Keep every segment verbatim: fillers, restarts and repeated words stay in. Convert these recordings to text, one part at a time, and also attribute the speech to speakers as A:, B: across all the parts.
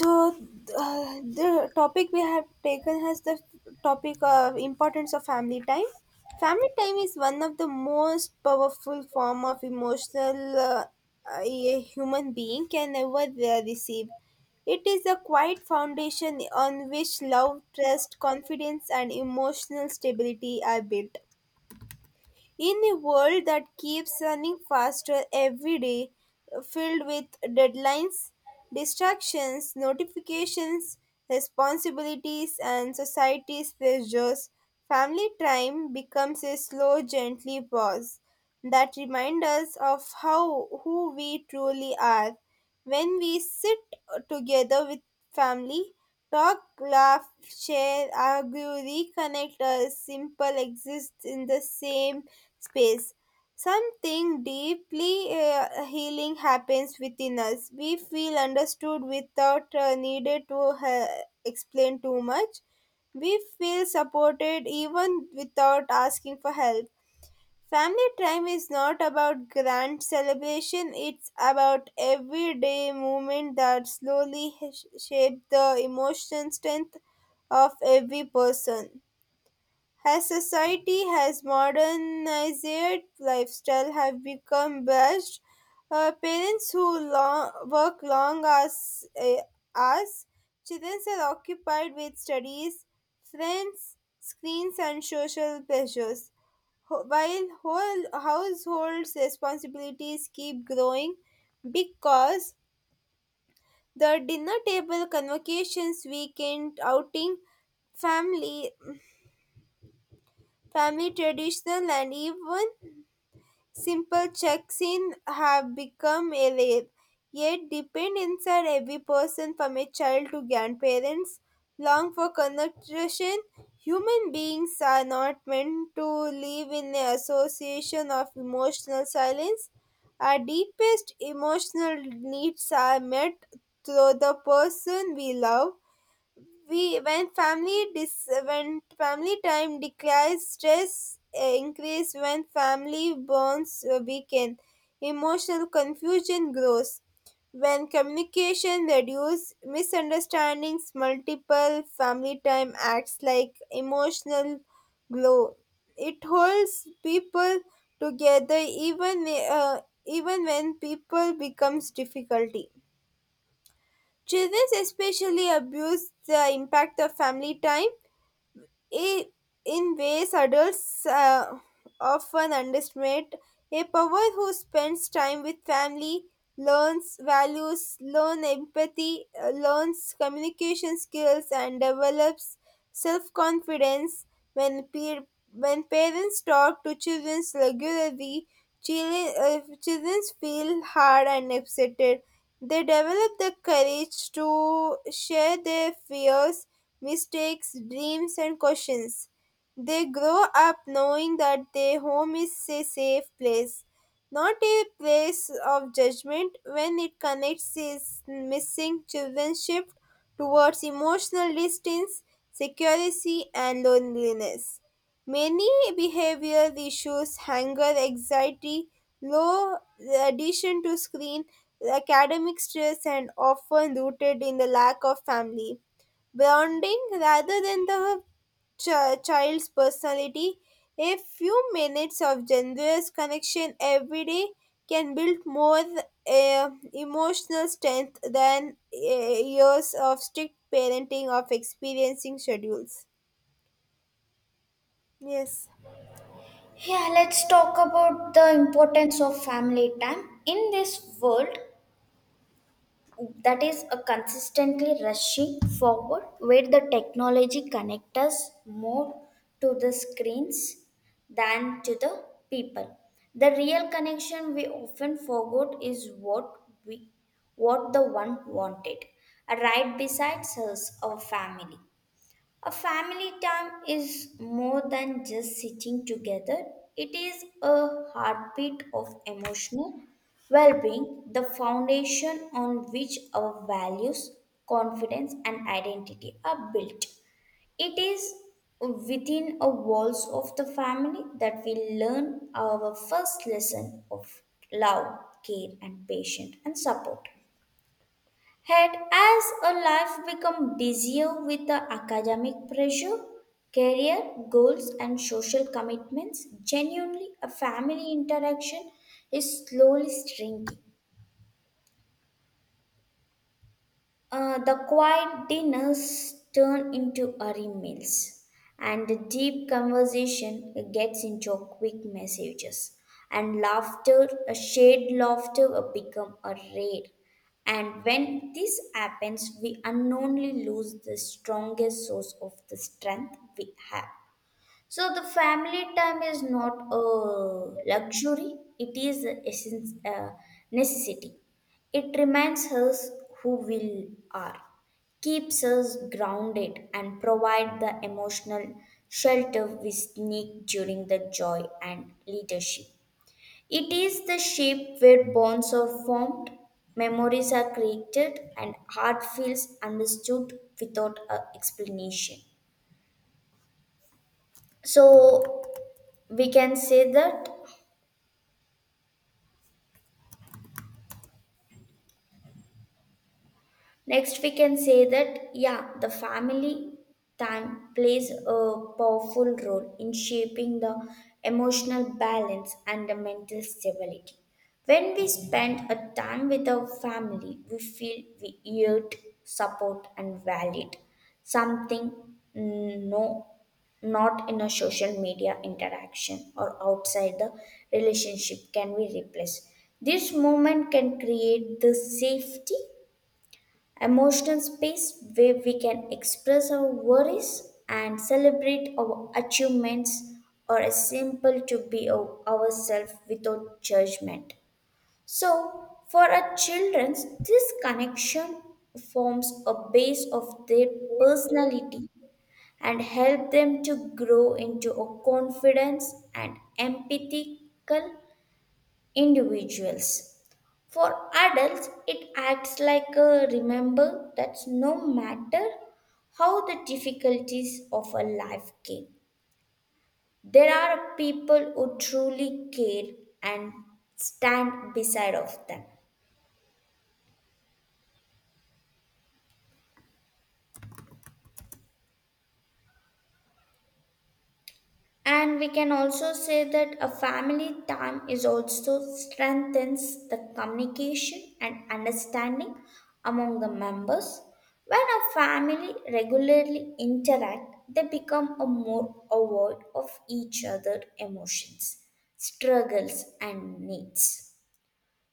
A: So uh, the topic we have taken has the topic of importance of family time. Family time is one of the most powerful form of emotional uh, a human being can ever uh, receive. It is a quiet foundation on which love trust confidence and emotional stability are built. In a world that keeps running faster every day, filled with deadlines, distractions, notifications, responsibilities, and society's pressures, family time becomes a slow, gently pause that reminds us of how who we truly are. When we sit together with family, talk, laugh, share, argue, reconnect, or simple exists in the same space. Something deeply uh, healing happens within us. We feel understood without uh, needed to uh, explain too much. We feel supported even without asking for help. Family time is not about grand celebration, it's about everyday moments that slowly h- shape the emotional strength of every person. As society has modernized, lifestyle have become rushed. Uh, parents who long, work long hours, uh, hours, children are occupied with studies, friends, screens, and social pressures. Ho- While whole households' responsibilities keep growing because the dinner table convocations, weekend outing, family, family traditional, and even simple checks in have become a rare, yet depend inside every person from a child to grandparents. Long for connection, human beings are not meant to live in an association of emotional silence. Our deepest emotional needs are met through the person we love. We when family dis, When family time declines stress uh, increase. When family bonds uh, weaken emotional confusion grows. When communication reduces misunderstandings multiple family time acts like emotional glow. It holds people together even uh, even when people becomes difficulty. Children especially abuse the impact of family time. Eh, in ways adults uh, often underestimate. A power who spends time with family learns values, learns empathy, uh, learns communication skills, and develops self confidence. When peer, when parents talk to children regularly, children, uh, children feel hard and upset. They develop the courage to share their fears, mistakes, dreams, and questions. They grow up knowing that their home is a safe place, not a place of judgment. When it connects is missing children shift towards emotional distance, security, and loneliness. Many behavioral issues, anger, anxiety, low addition to screen, academic stress, and often rooted in the lack of family bonding rather than the chi- child's personality. A few minutes of generous connection every day can build more uh, emotional strength than uh, years of strict parenting of experiencing schedules. Yes,
B: Yeah, let's talk about the importance of family time. In this world that is a consistently rushing forward, where the technology connects us more to the screens than to the people. The real connection we often forgot is what we what the one wanted, right besides us, our family. A family time is more than just sitting together. It is a heartbeat of emotional well being, the foundation on which our values, confidence, and identity are built. It is within a walls of the family that we learn our first lesson of love, care, and patience and support. Had as a life become busier with the academic pressure, career goals, and social commitments, genuinely a family interaction is slowly shrinking. Uh, the quiet dinners turn into hurry meals, and the deep conversation gets into quick messages. And laughter, a shared laughter, will become a rare. And when this happens, we unknowingly lose the strongest source of the strength we have. So the family time is not a luxury, it is a essence, uh, necessity. It reminds us who we are, keeps us grounded, and provide the emotional shelter we seek during the joy and leadership. It is the shape where bonds are formed, memories are created, and heart feels understood without a explanation. So we can say that Next, we can say that, yeah, the family time plays a powerful role in shaping the emotional balance and the mental stability. When we spend a time with our family, we feel we yield support and valid something mm, no not in a social media interaction or outside the relationship can be replaced. This moment can create the safety emotional space where we can express our worries and celebrate our achievements or a simple to be our- ourselves without judgment, so for our children this connection forms a base of their personality and help them to grow into a confidence and empathical individuals for adults, it acts like a remember that no matter how the difficulties of a life came, there are people who truly care and stand beside of them. And we can also say that a family time is also strengthens the communication and understanding among the members. When a family regularly interact, they become a more aware of each other emotions, struggles and needs.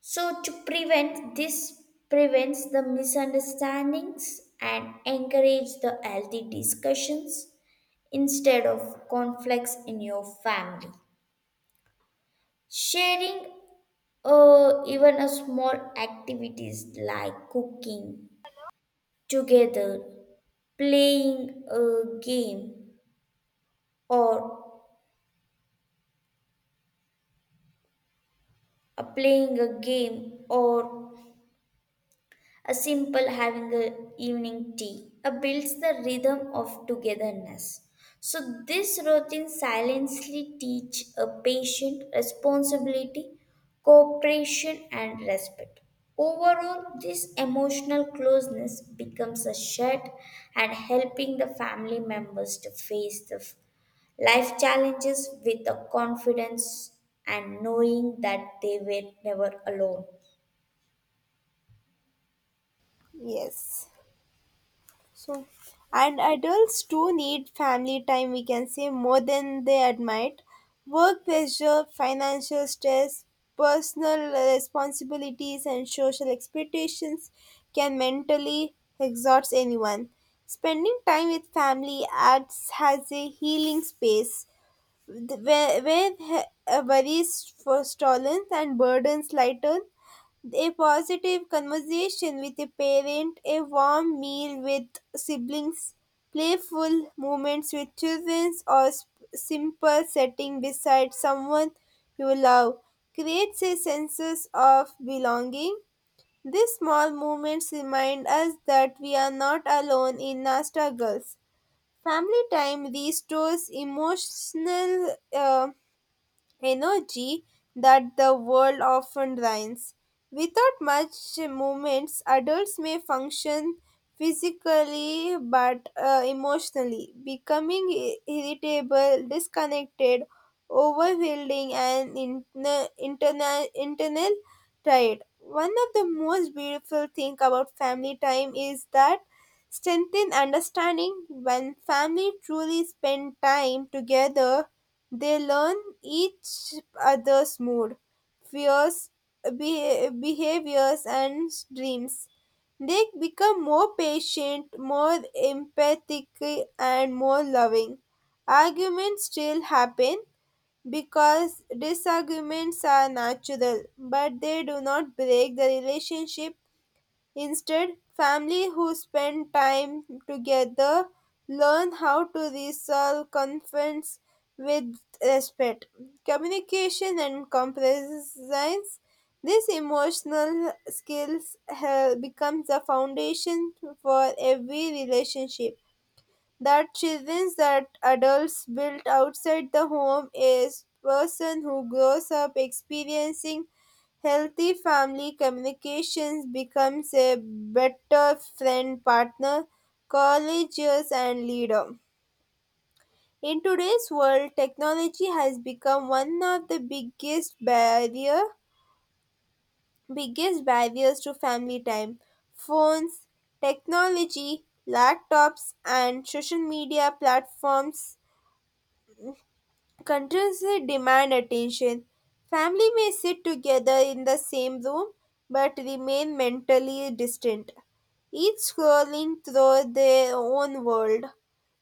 B: So to prevent this prevents the misunderstandings and encourage the healthy discussions instead of conflicts in your family. Sharing uh, even a small activities like cooking together, playing a game or uh, playing a game or a simple having a evening tea uh, builds the rhythm of togetherness. So this routine silently teach a patient responsibility, cooperation and respect. Overall, this emotional closeness becomes a shared and helping the family members to face the f- life challenges with a confidence and knowing that they were never alone.
A: yes. So, and adults do need family time, we can say, more than they admit. Work pressure, financial stress, personal responsibilities, and social expectations can mentally exhaust anyone. Spending time with family acts as a healing space. Th- When he- uh, Worries for stolen and burdens lighten, a positive conversation with a parent, a warm meal with siblings, playful moments with children, or sp- simple setting beside someone you love creates a sense of belonging. These small moments remind us that we are not alone in our struggles. Family time restores emotional uh, energy that the world often drains. Without much movements, adults may function physically but uh, emotionally, becoming i- irritable, disconnected, overwhelming, and interna- interna- internal tired. One of the most beautiful things about family time is that strengthen understanding. When family truly spend time together they learn each other's mood, fears, be- behaviors and dreams. They become more patient, more empathic and more loving. Arguments still happen because disagreements are natural, but they do not break the relationship. Instead, families who spend time together learn how to resolve conflicts with respect, communication, and compromise. These emotional skills have become the foundation for every relationship that children that adults build outside the home. Is person who grows up experiencing healthy family communications becomes a better friend, partner, courageous and leader. In today's world, technology has become one of the biggest barrier biggest barriers to family time. Phones, technology, laptops and social media platforms continuously demand attention. Family may sit together in the same room but remain mentally distant, each scrolling through their own world.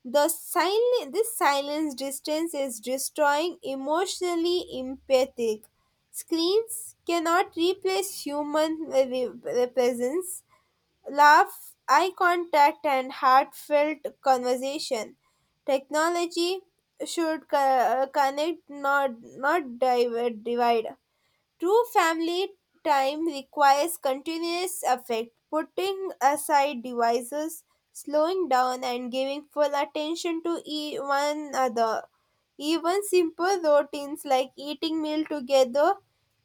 A: The silent, this silence distance is destroying emotionally empathic. Screens cannot replace human re- re- presence, laugh, eye contact, and heartfelt conversation. Technology should co- connect, not not dive- divide. True family time requires continuous effort, putting aside devices, slowing down, and giving full attention to e- one another. Even simple routines like eating meal together,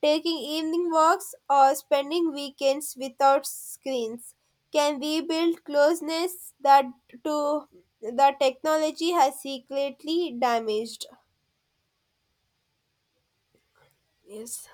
A: taking evening walks, or spending weekends without screens can rebuild closeness that to the technology has secretly damaged. Yes.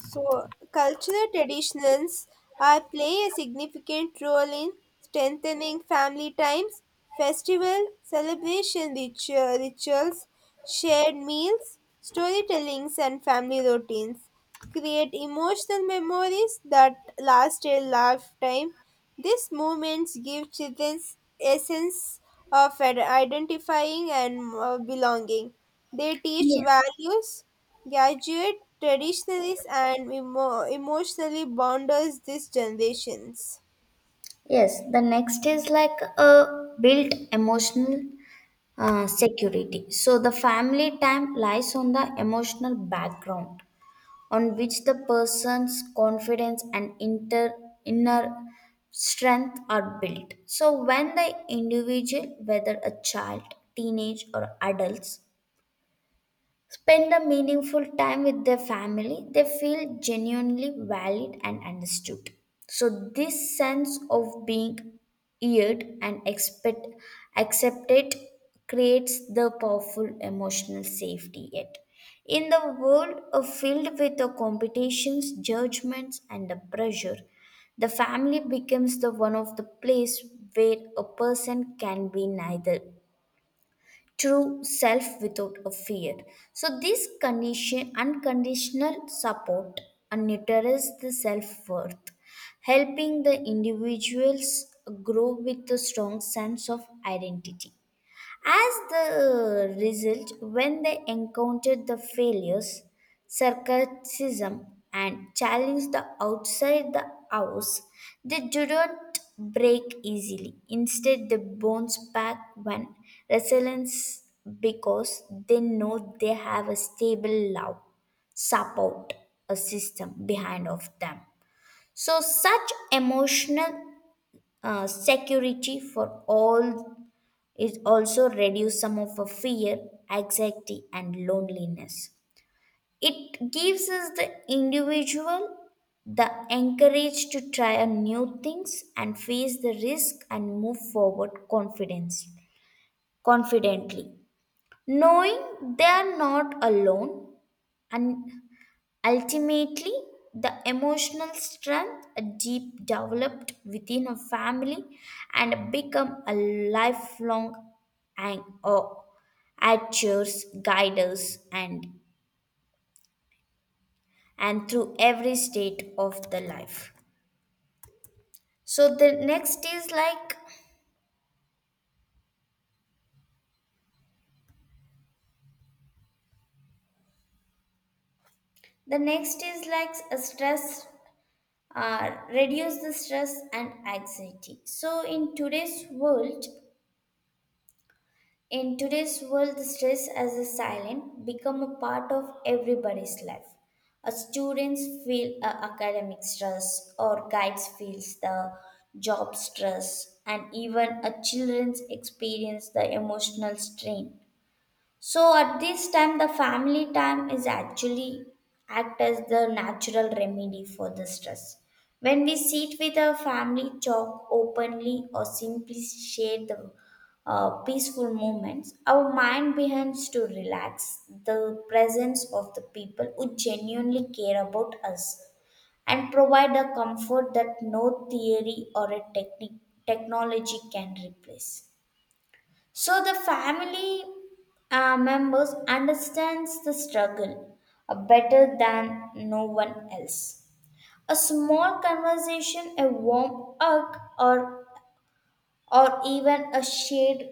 A: So, cultural traditions are play a significant role in strengthening family times, festival, celebration ritua- rituals, shared meals, storytellings, and family routines. Create emotional memories that last a lifetime. These movements give children a sense of ad- identifying and uh, belonging. They teach
B: Yeah.
A: values, graduate traditionalists, and emo- emotionally bonders these generations.
B: Yes, the next is like a built emotional uh, security. So the family time lies on the emotional background on which the person's confidence and inter, inner strength are built. So when the individual, whether a child, teenage, or adults, spend a meaningful time with their family, they feel genuinely valued and understood. So, this sense of being heard and expect, accepted creates the powerful emotional safety yet. In the world uh, filled with the competitions, judgments, and the pressure, the family becomes the one of the place where a person can be neither true self without a fear. So this condition unconditional support and nurtures the self worth, helping the individuals grow with a strong sense of identity. As the result, when they encountered the failures, sarcasm, and challenged the outside the house, they do not break easily. Instead, they bounce back when resilience because they know they have a stable love support a system behind of them, so such emotional uh, security for all, it also reduces some of our fear, anxiety, and loneliness. It gives us the individual the encourage to try on new things and face the risk and move forward confidence, confidently, knowing they are not alone. And ultimately, the emotional strength deep developed within a family and become a lifelong and or actors, guiders, and and through every state of the life. So the next is like the next is like a stress, uh, reduce the stress and anxiety. So in today's world, In today's world, the stress as a silent become a part of everybody's life. A students feel uh, academic stress, or guides feels the job stress, and even a children's experience the emotional strain. So at this time, the family time is actually act as the natural remedy for the stress. When we sit with our family, talk openly, or simply share the uh, peaceful moments, our mind begins to relax. The presence of the people who genuinely care about us and provide a comfort that no theory or a technique technology can replace. So the family uh, members understands the struggle uh, better than no one else. A small conversation, a warm hug, or or even a shared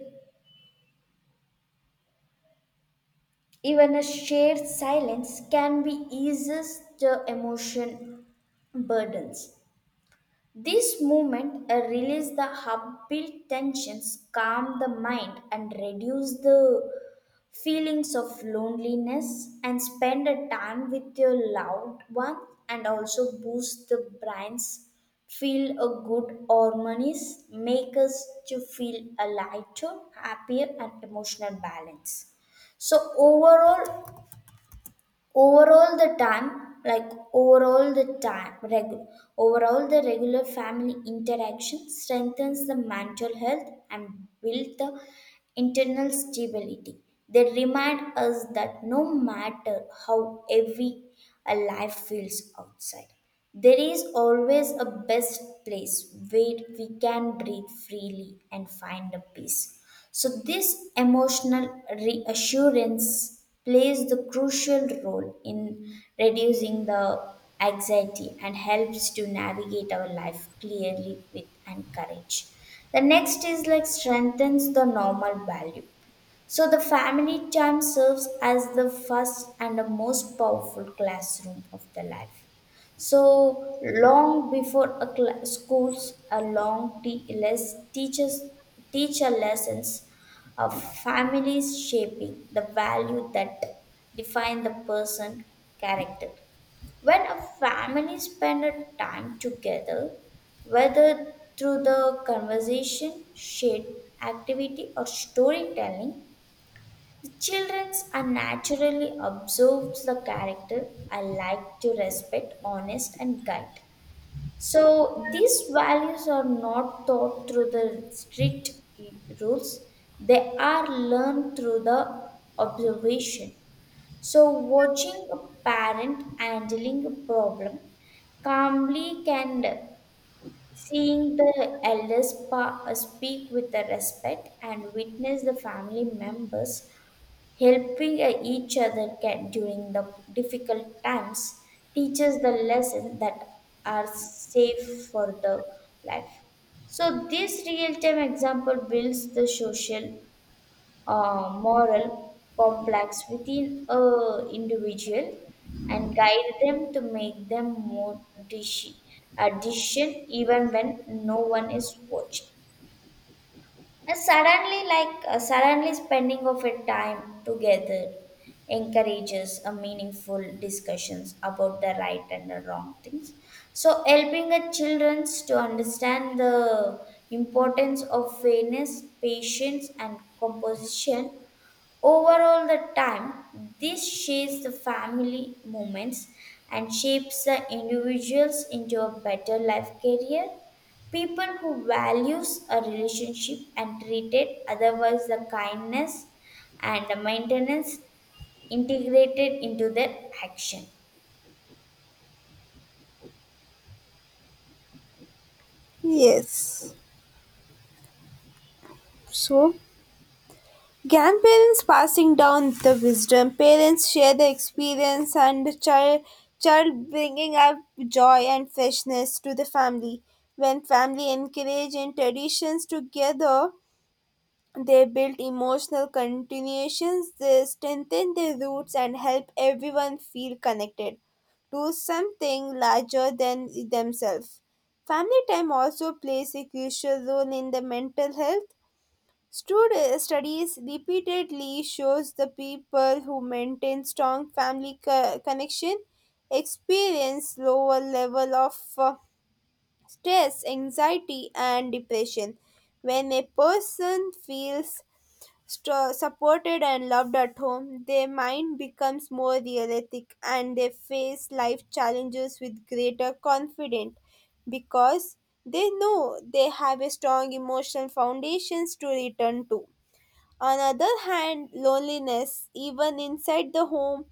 B: even a shared silence can be eases the emotion burdens. This movement uh, release the upbuilt tensions, calm the mind, and reduce the feelings of loneliness. And spend a time with your loved one, and also boost the brain's feel a good harmonies, make us to feel a lighter, happier, and emotional balance. So overall, overall the time like overall the time regu- overall the regular family interaction strengthens the mental health and build the internal stability. They remind us that no matter how heavy a life feels outside, there is always a best place where we can breathe freely and find a peace. So, this emotional reassurance plays the crucial role in reducing the anxiety and helps to navigate our life clearly with and courage. The next is like strengthens the normal value. So the family time serves as the first and the most powerful classroom of the life. So long before a cla schools, a long te- less teaches teacher lessons of families shaping the value that define the person character. When a family spend a time together, whether through the conversation, shared activity, or storytelling, the childrens unnaturally observes the character I like to respect, honest and guide. So these values are not taught through the strict rules. They are learned through the observation. So watching a parent handling a problem calmly can seeing the elders pa- speak with the respect and witness the family members helping uh, each other can, during the difficult times teaches the lesson that are safe for the life. So this real-time example builds the social uh, moral complex within a individual and guide them to make them more dishi- a decision even when no one is watching. And suddenly, like uh, suddenly spending of a time together encourages a meaningful discussions about the right and the wrong things. So helping the children to understand the importance of fairness, patience and composition. Overall, the time this shapes the family moments and shapes the individuals into a better life career. People who values a relationship and treated otherwise the kindness and the maintenance integrated into their action.
A: Yes. So, grandparents passing down the wisdom, parents share the experience, and the child child bringing up joy and freshness to the family. When family encourage and traditions together, they build emotional continuations, they strengthen their roots, and help everyone feel connected to something larger than themselves. Family time also plays a crucial role in the mental health. Stud- studies repeatedly shows the people who maintain strong family co- connection experience lower level of uh, stress, anxiety, and depression. When a person feels St- supported and loved at home, their mind becomes more realistic and they face life challenges with greater confidence because they know they have a strong emotional foundations to return to. On other hand, loneliness, even inside the home,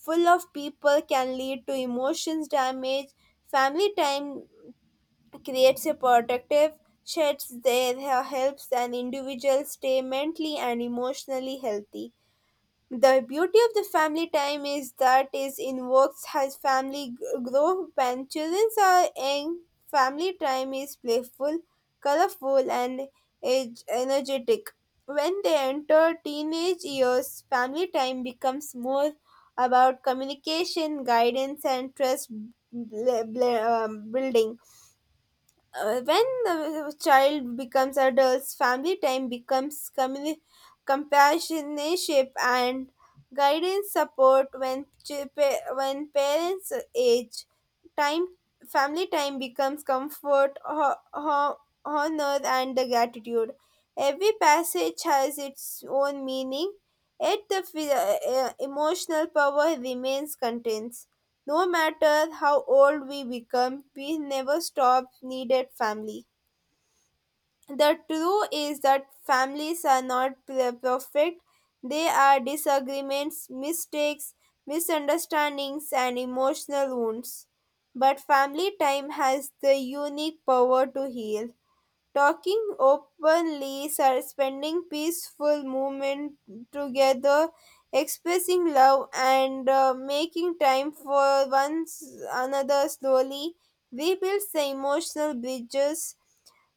A: full of people can lead to emotions damage. Family time creates a protective shed that helps an individual stay mentally and emotionally healthy. The beauty of the family time is that it invokes has family g- growth. When children are young, family time is playful, colorful, and age- energetic. When they enter teenage years, family time becomes more about communication, guidance, and trust bl- bl- um, building. Uh, when the child becomes adults, family time becomes communi- companionship and guidance support. When ch- pa- when parents age, time family time becomes comfort, ho- ho- honor, and the gratitude. Every passage has its own meaning, yet the f- uh, emotional power remains contained. No matter how old we become, we never stop needed family. The truth is that families are not per- perfect. They are disagreements, mistakes, misunderstandings, and emotional wounds. But family time has the unique power to heal. Talking openly, suspending peaceful movement together, expressing love, and uh, making time for one another slowly rebuilds the emotional bridges,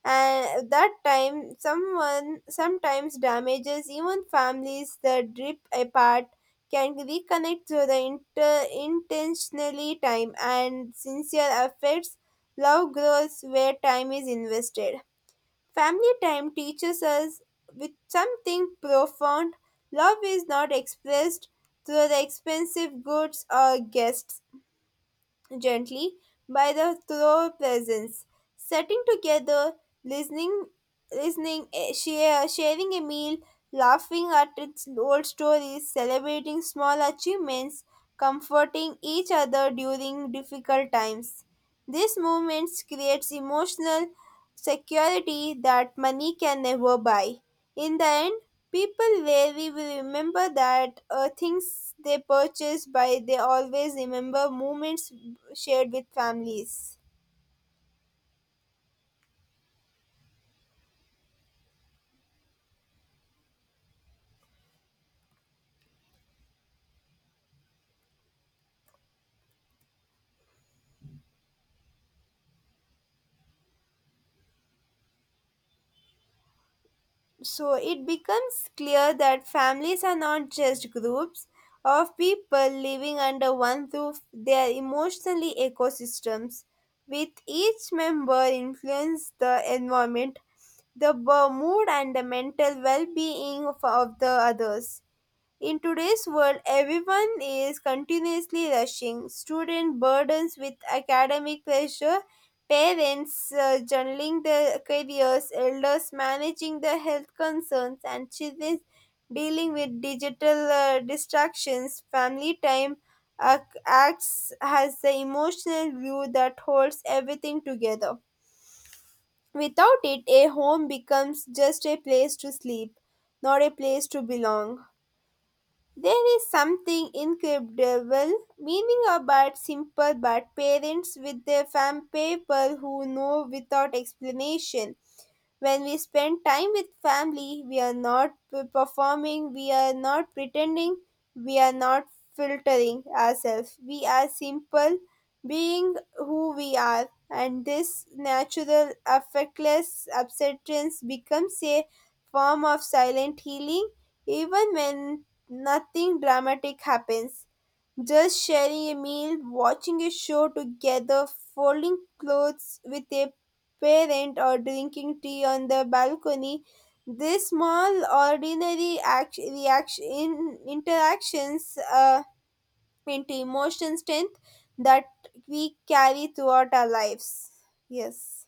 A: and that time someone sometimes damages. Even families that drift apart can reconnect through the inter- intentionally time and sincere affects. Love grows where time is invested. Family time teaches us with something profound. Love is not expressed through the expensive goods or guests, gently by the throw presence. Sitting together, listening, listening, eh, share, sharing a meal, laughing at its old stories, celebrating small achievements, comforting each other during difficult times. These moments creates emotional security that money can never buy. In the end, people rarely will remember that uh, things they purchase, but they always remember moments shared with families. So it becomes clear that families are not just groups of people living under one roof, they are emotionally ecosystems, with each member influence the environment, the b- mood, and the mental well being of, of the others. In today's world, everyone is continuously rushing. Student burdens with academic pressure, parents uh, juggling their careers, elders managing their health concerns, and children dealing with digital uh, distractions. Family time ac- acts as the emotional glue that holds everything together. Without it, a home becomes just a place to sleep, not a place to belong. There is something incredible, meaning about simple but parents with their fam people who know without explanation. When we spend time with family we are not p- performing, we are not pretending, we are not filtering ourselves, we are simple being who we are, and this natural affectless acceptance becomes a form of silent healing. Even when nothing dramatic happens, just sharing a meal, watching a show together, folding clothes with a parent, or drinking tea on the balcony. These small, ordinary act- reaction interactions uh, into emotion strength that we carry throughout our lives. Yes.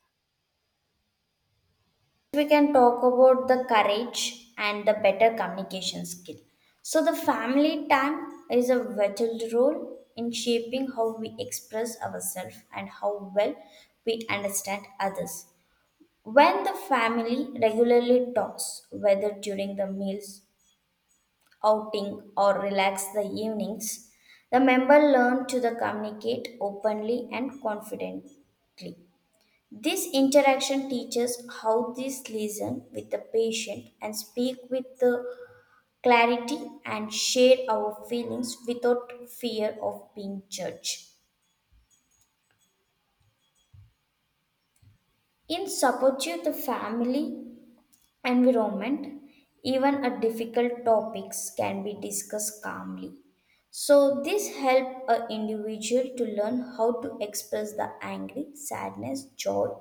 B: We can talk about the courage and the better communication skill. So, the family time is a vital role in shaping how we express ourselves and how well we understand others. When the family regularly talks, whether during the meals, outing, or relax the evenings, the member learn to the communicate openly and confidently. This interaction teaches how this listen with the patient and speak with the clarity and share our feelings without fear of being judged. In supportive the family environment, even a difficult topics can be discussed calmly. So this help a individual to learn how to express the angry, sadness, joy,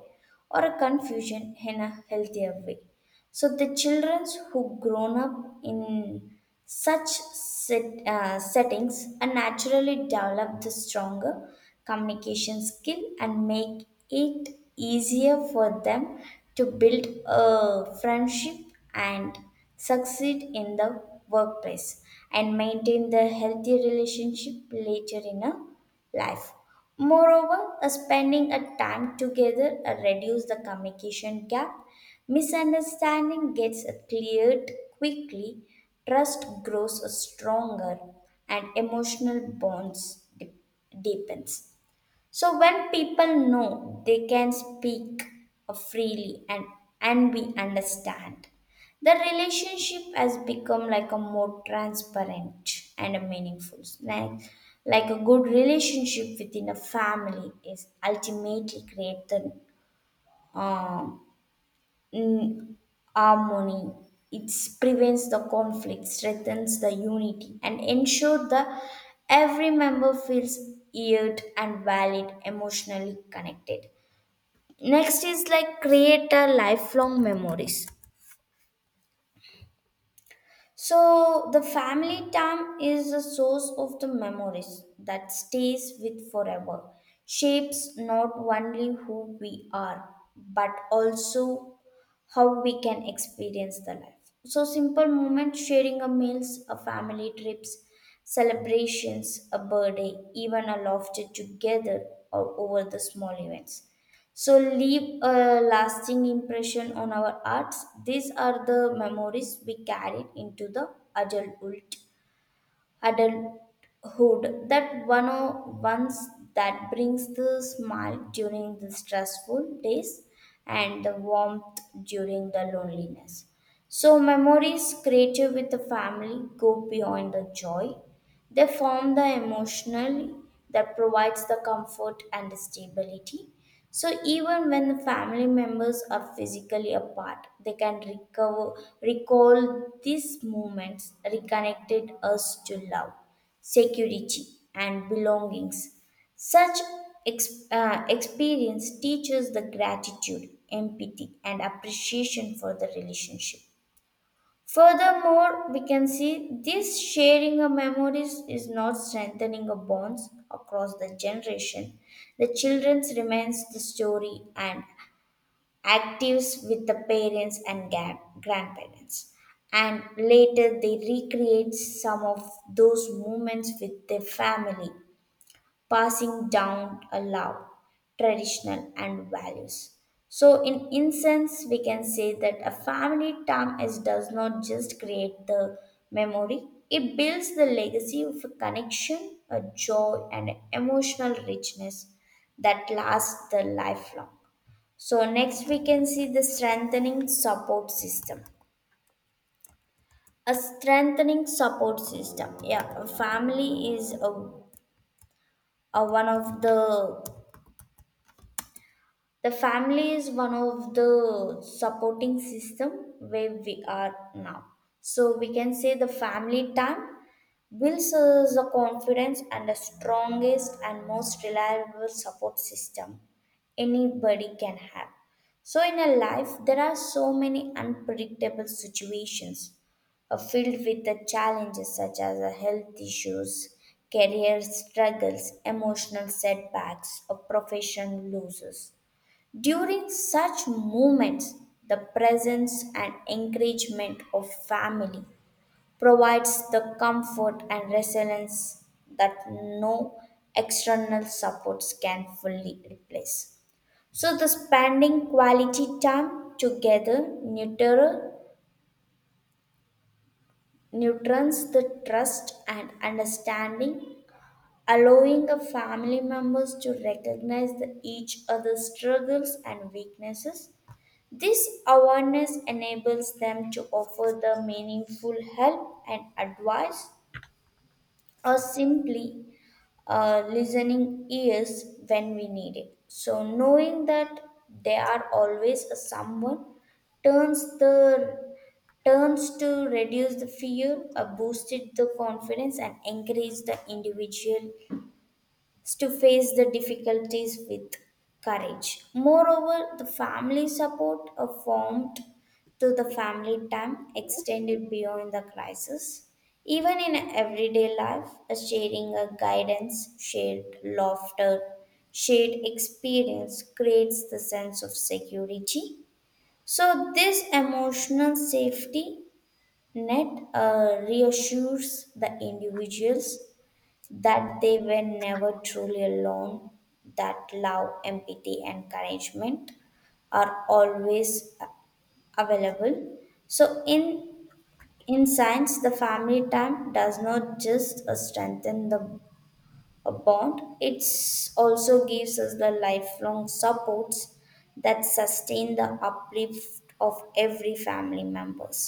B: or a confusion in a healthier way. So the children who grown up in such set, uh, settings are naturally develop the stronger communication skill and make it easier for them to build a friendship and succeed in the workplace and maintain the healthy relationship later in a life. Moreover, a spending a time together uh, reduce the communication gap. Misunderstanding gets cleared quickly, trust grows stronger, and emotional bonds de- deepens. So when people know they can speak uh, freely and, and be understand, the relationship has become like a more transparent and a meaningful. Like, like a good relationship within a family is ultimately create the mm, harmony. It prevents the conflict, strengthens the unity, and ensure that every member feels heard and valid, emotionally connected. Next is like create a lifelong memories. So the family time is a source of the memories that stays with forever, shapes not only who we are, but also how we can experience the life. So simple moments, sharing a meals, a family trips, celebrations, a birthday, even a laughter together or over the small events so leave a lasting impression on our arts, these are the memories we carry into the adulthood adulthood that one of once that brings the smile during the stressful days and the warmth during the loneliness. So, memories created with the family go beyond the joy. They form the emotional that provides the comfort and stability. So, even when the family members are physically apart, they can recover, recall these moments reconnected us to love, security, and belongings. Such ex- uh, experience teaches the gratitude, empathy, and appreciation for the relationship. Furthermore, we can see this sharing of memories is not strengthening of bonds across the generation. The children's remains the story and actives with the parents and ga- grandparents. And later they recreate some of those moments with their family passing down a love, traditional, and values. So, in essence, we can say that a family time is does not just create the memory; it builds the legacy of a connection, a joy, and emotional richness that lasts the lifelong. So, next we can see the strengthening support system a strengthening support system, yeah, a family is a, a one of the The family is one of the supporting system where we are now. So we can say the family time builds us the confidence and the strongest and most reliable support system anybody can have. So in a life, there are so many unpredictable situations uh, filled with the challenges such as uh, health issues, career struggles, emotional setbacks, or profession losses. During such moments, the presence and encouragement of family provides the comfort and resilience that no external supports can fully replace. So, the spending quality time together neuter, neutrons the trust and understanding, allowing the family members to recognize the, each other's struggles and weaknesses. This awareness enables them to offer the meaningful help and advice or simply uh, listening ears when we need it. So, knowing that they are always a someone turns the turns to reduce the fear, uh, boosted the confidence, and encourage the individual to face the difficulties with courage. Moreover, the family support affirmed to the family time extended beyond the crisis. Even in everyday life, a sharing a guidance, shared laughter, shared experience creates the sense of security. So, this emotional safety net uh, reassures the individuals that they were never truly alone, that love, empathy, encouragement are always available. So in in science, the family time does not just uh, strengthen the a bond; it also gives us the lifelong supports that sustain the uplift of every family members.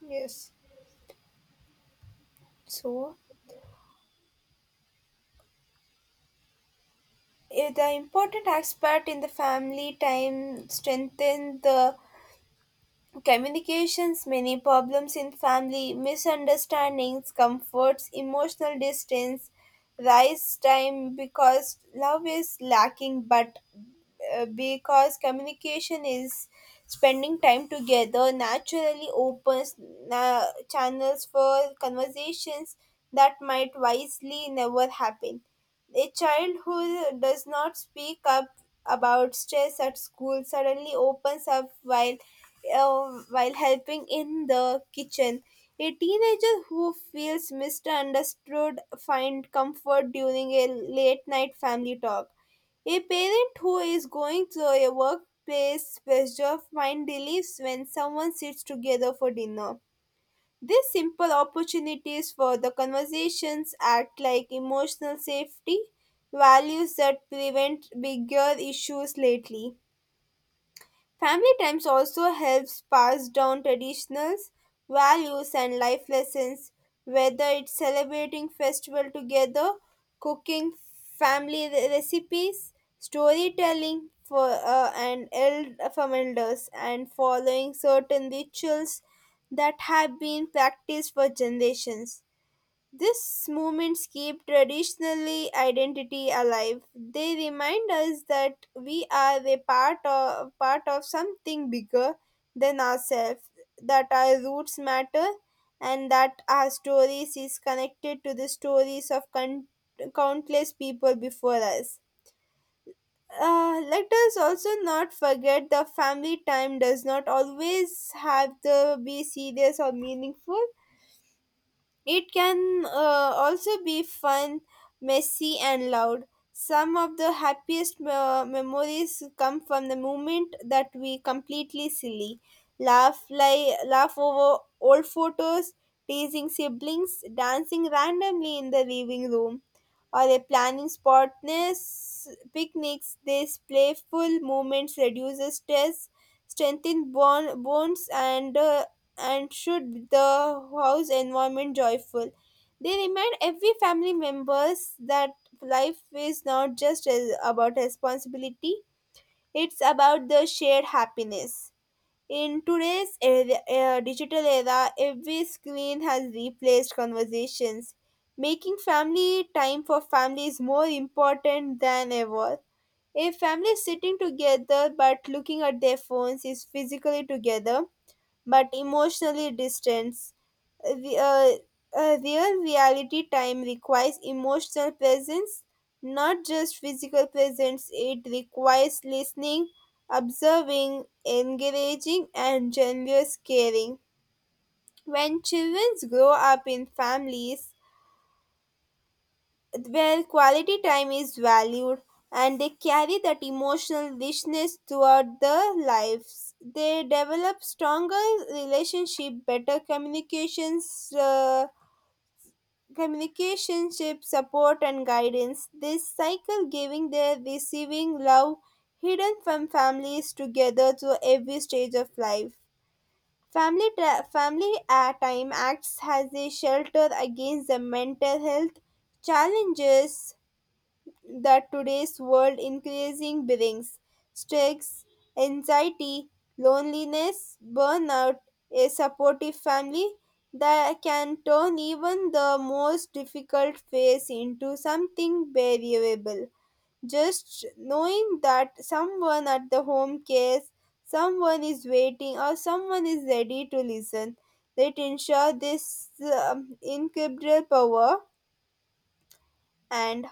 A: Yes. So, eh, the important aspect in the family time strengthen the communications, many problems in family, misunderstandings, comforts, emotional distance, rise time because love is lacking, but uh, because communication is. Spending time together naturally opens uh, channels for conversations that might wisely never happen. A child who does not speak up about stress at school suddenly opens up while uh, while helping in the kitchen. A teenager who feels misunderstood finds comfort during a late night family talk. A parent who is going through a workplace pressure finds relief when someone sits together for dinner. These simple opportunities for the conversations act like emotional safety values that prevent bigger issues lately. Family times also helps pass down traditionals, values and life lessons, whether it's celebrating festival together, cooking family re- recipes, storytelling for uh, and eld- from elders and following certain rituals that have been practiced for generations. These movements keep traditionally identity alive. They remind us that we are a part of, part of something bigger than ourselves, that our roots matter, and that our stories is connected to the stories of con- countless people before us. Uh, let us also not forget the family time does not always have to be serious or meaningful. It can uh, also be fun, messy, and loud. Some of the happiest uh, memories come from the moment that we completely silly, laugh like laugh over old photos, teasing siblings, dancing randomly in the living room, or a planning spotless picnics. These playful moments reduces stress, strengthen bond, bonds, and uh, and should the house environment joyful. They remind every family members that life is not just uh, about responsibility, it's about the shared happiness. In today's era, uh, digital era, every screen has replaced conversations, making family time for families more important than ever. A family sitting together but looking at their phones is physically together but emotionally distance. Re- uh, uh, Real reality time requires emotional presence, not just physical presence. It requires listening, observing, engaging, and generous caring. When children grow up in families where quality time is valued and they carry that emotional richness throughout their lives. They develop stronger relationship, better communications, uh, communicationship support and guidance. This cycle giving their receiving love hidden from families together through every stage of life. Family, tra- family uh, time acts as a shelter against the mental health challenges that today's world increasing brings stress, anxiety, loneliness, burnout. A supportive family that can turn even the most difficult phase into something variable. Just knowing that someone at the home cares, someone is waiting, or someone is ready to listen, that ensure this um, incredible power. And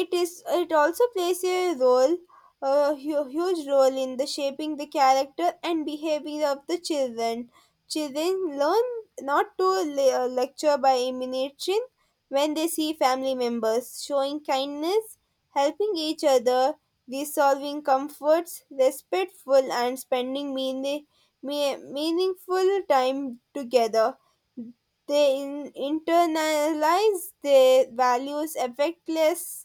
A: it is it also plays a role a hu- huge role in the shaping the character and behavior of the children. Children learn not to le- uh, lecture by imitation. When they see family members showing kindness, helping each other, resolving comforts respectful and spending mean- me- meaningful time together, they in- internalize their values affectless.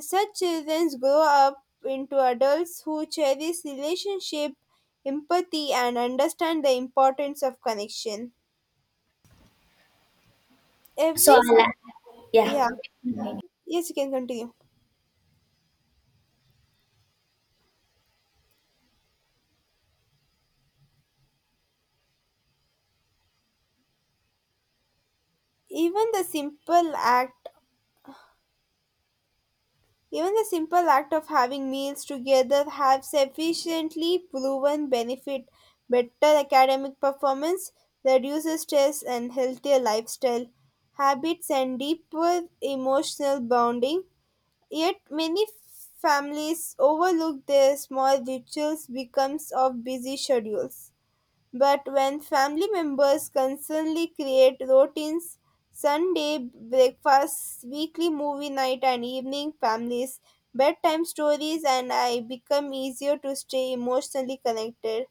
A: Such children grow up into adults who cherish relationship, empathy, and understand the importance of connection.
B: So
A: Every
B: I
A: si-
B: like, yeah.
A: yeah, yes, you can continue. Even the simple act Even the simple act of having meals together have sufficiently proven benefit. Better academic performance reduces stress and healthier lifestyle habits and deeper emotional bonding. Yet many families overlook their small rituals because of busy schedules. But when family members constantly create routines Sunday breakfast, weekly movie night, and evening families, bedtime stories, and I become easier to stay emotionally connected.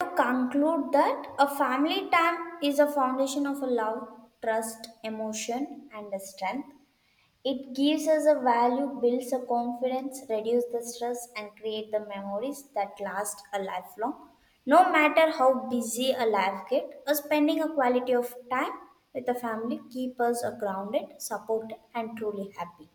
B: To conclude that a family time is a foundation of a love, trust, emotion, and a strength. It gives us a value, builds a confidence, reduces the stress, and create the memories that last a lifelong. No matter how busy a life gets, a spending a quality of time with a family keeps us grounded, supported, and truly happy.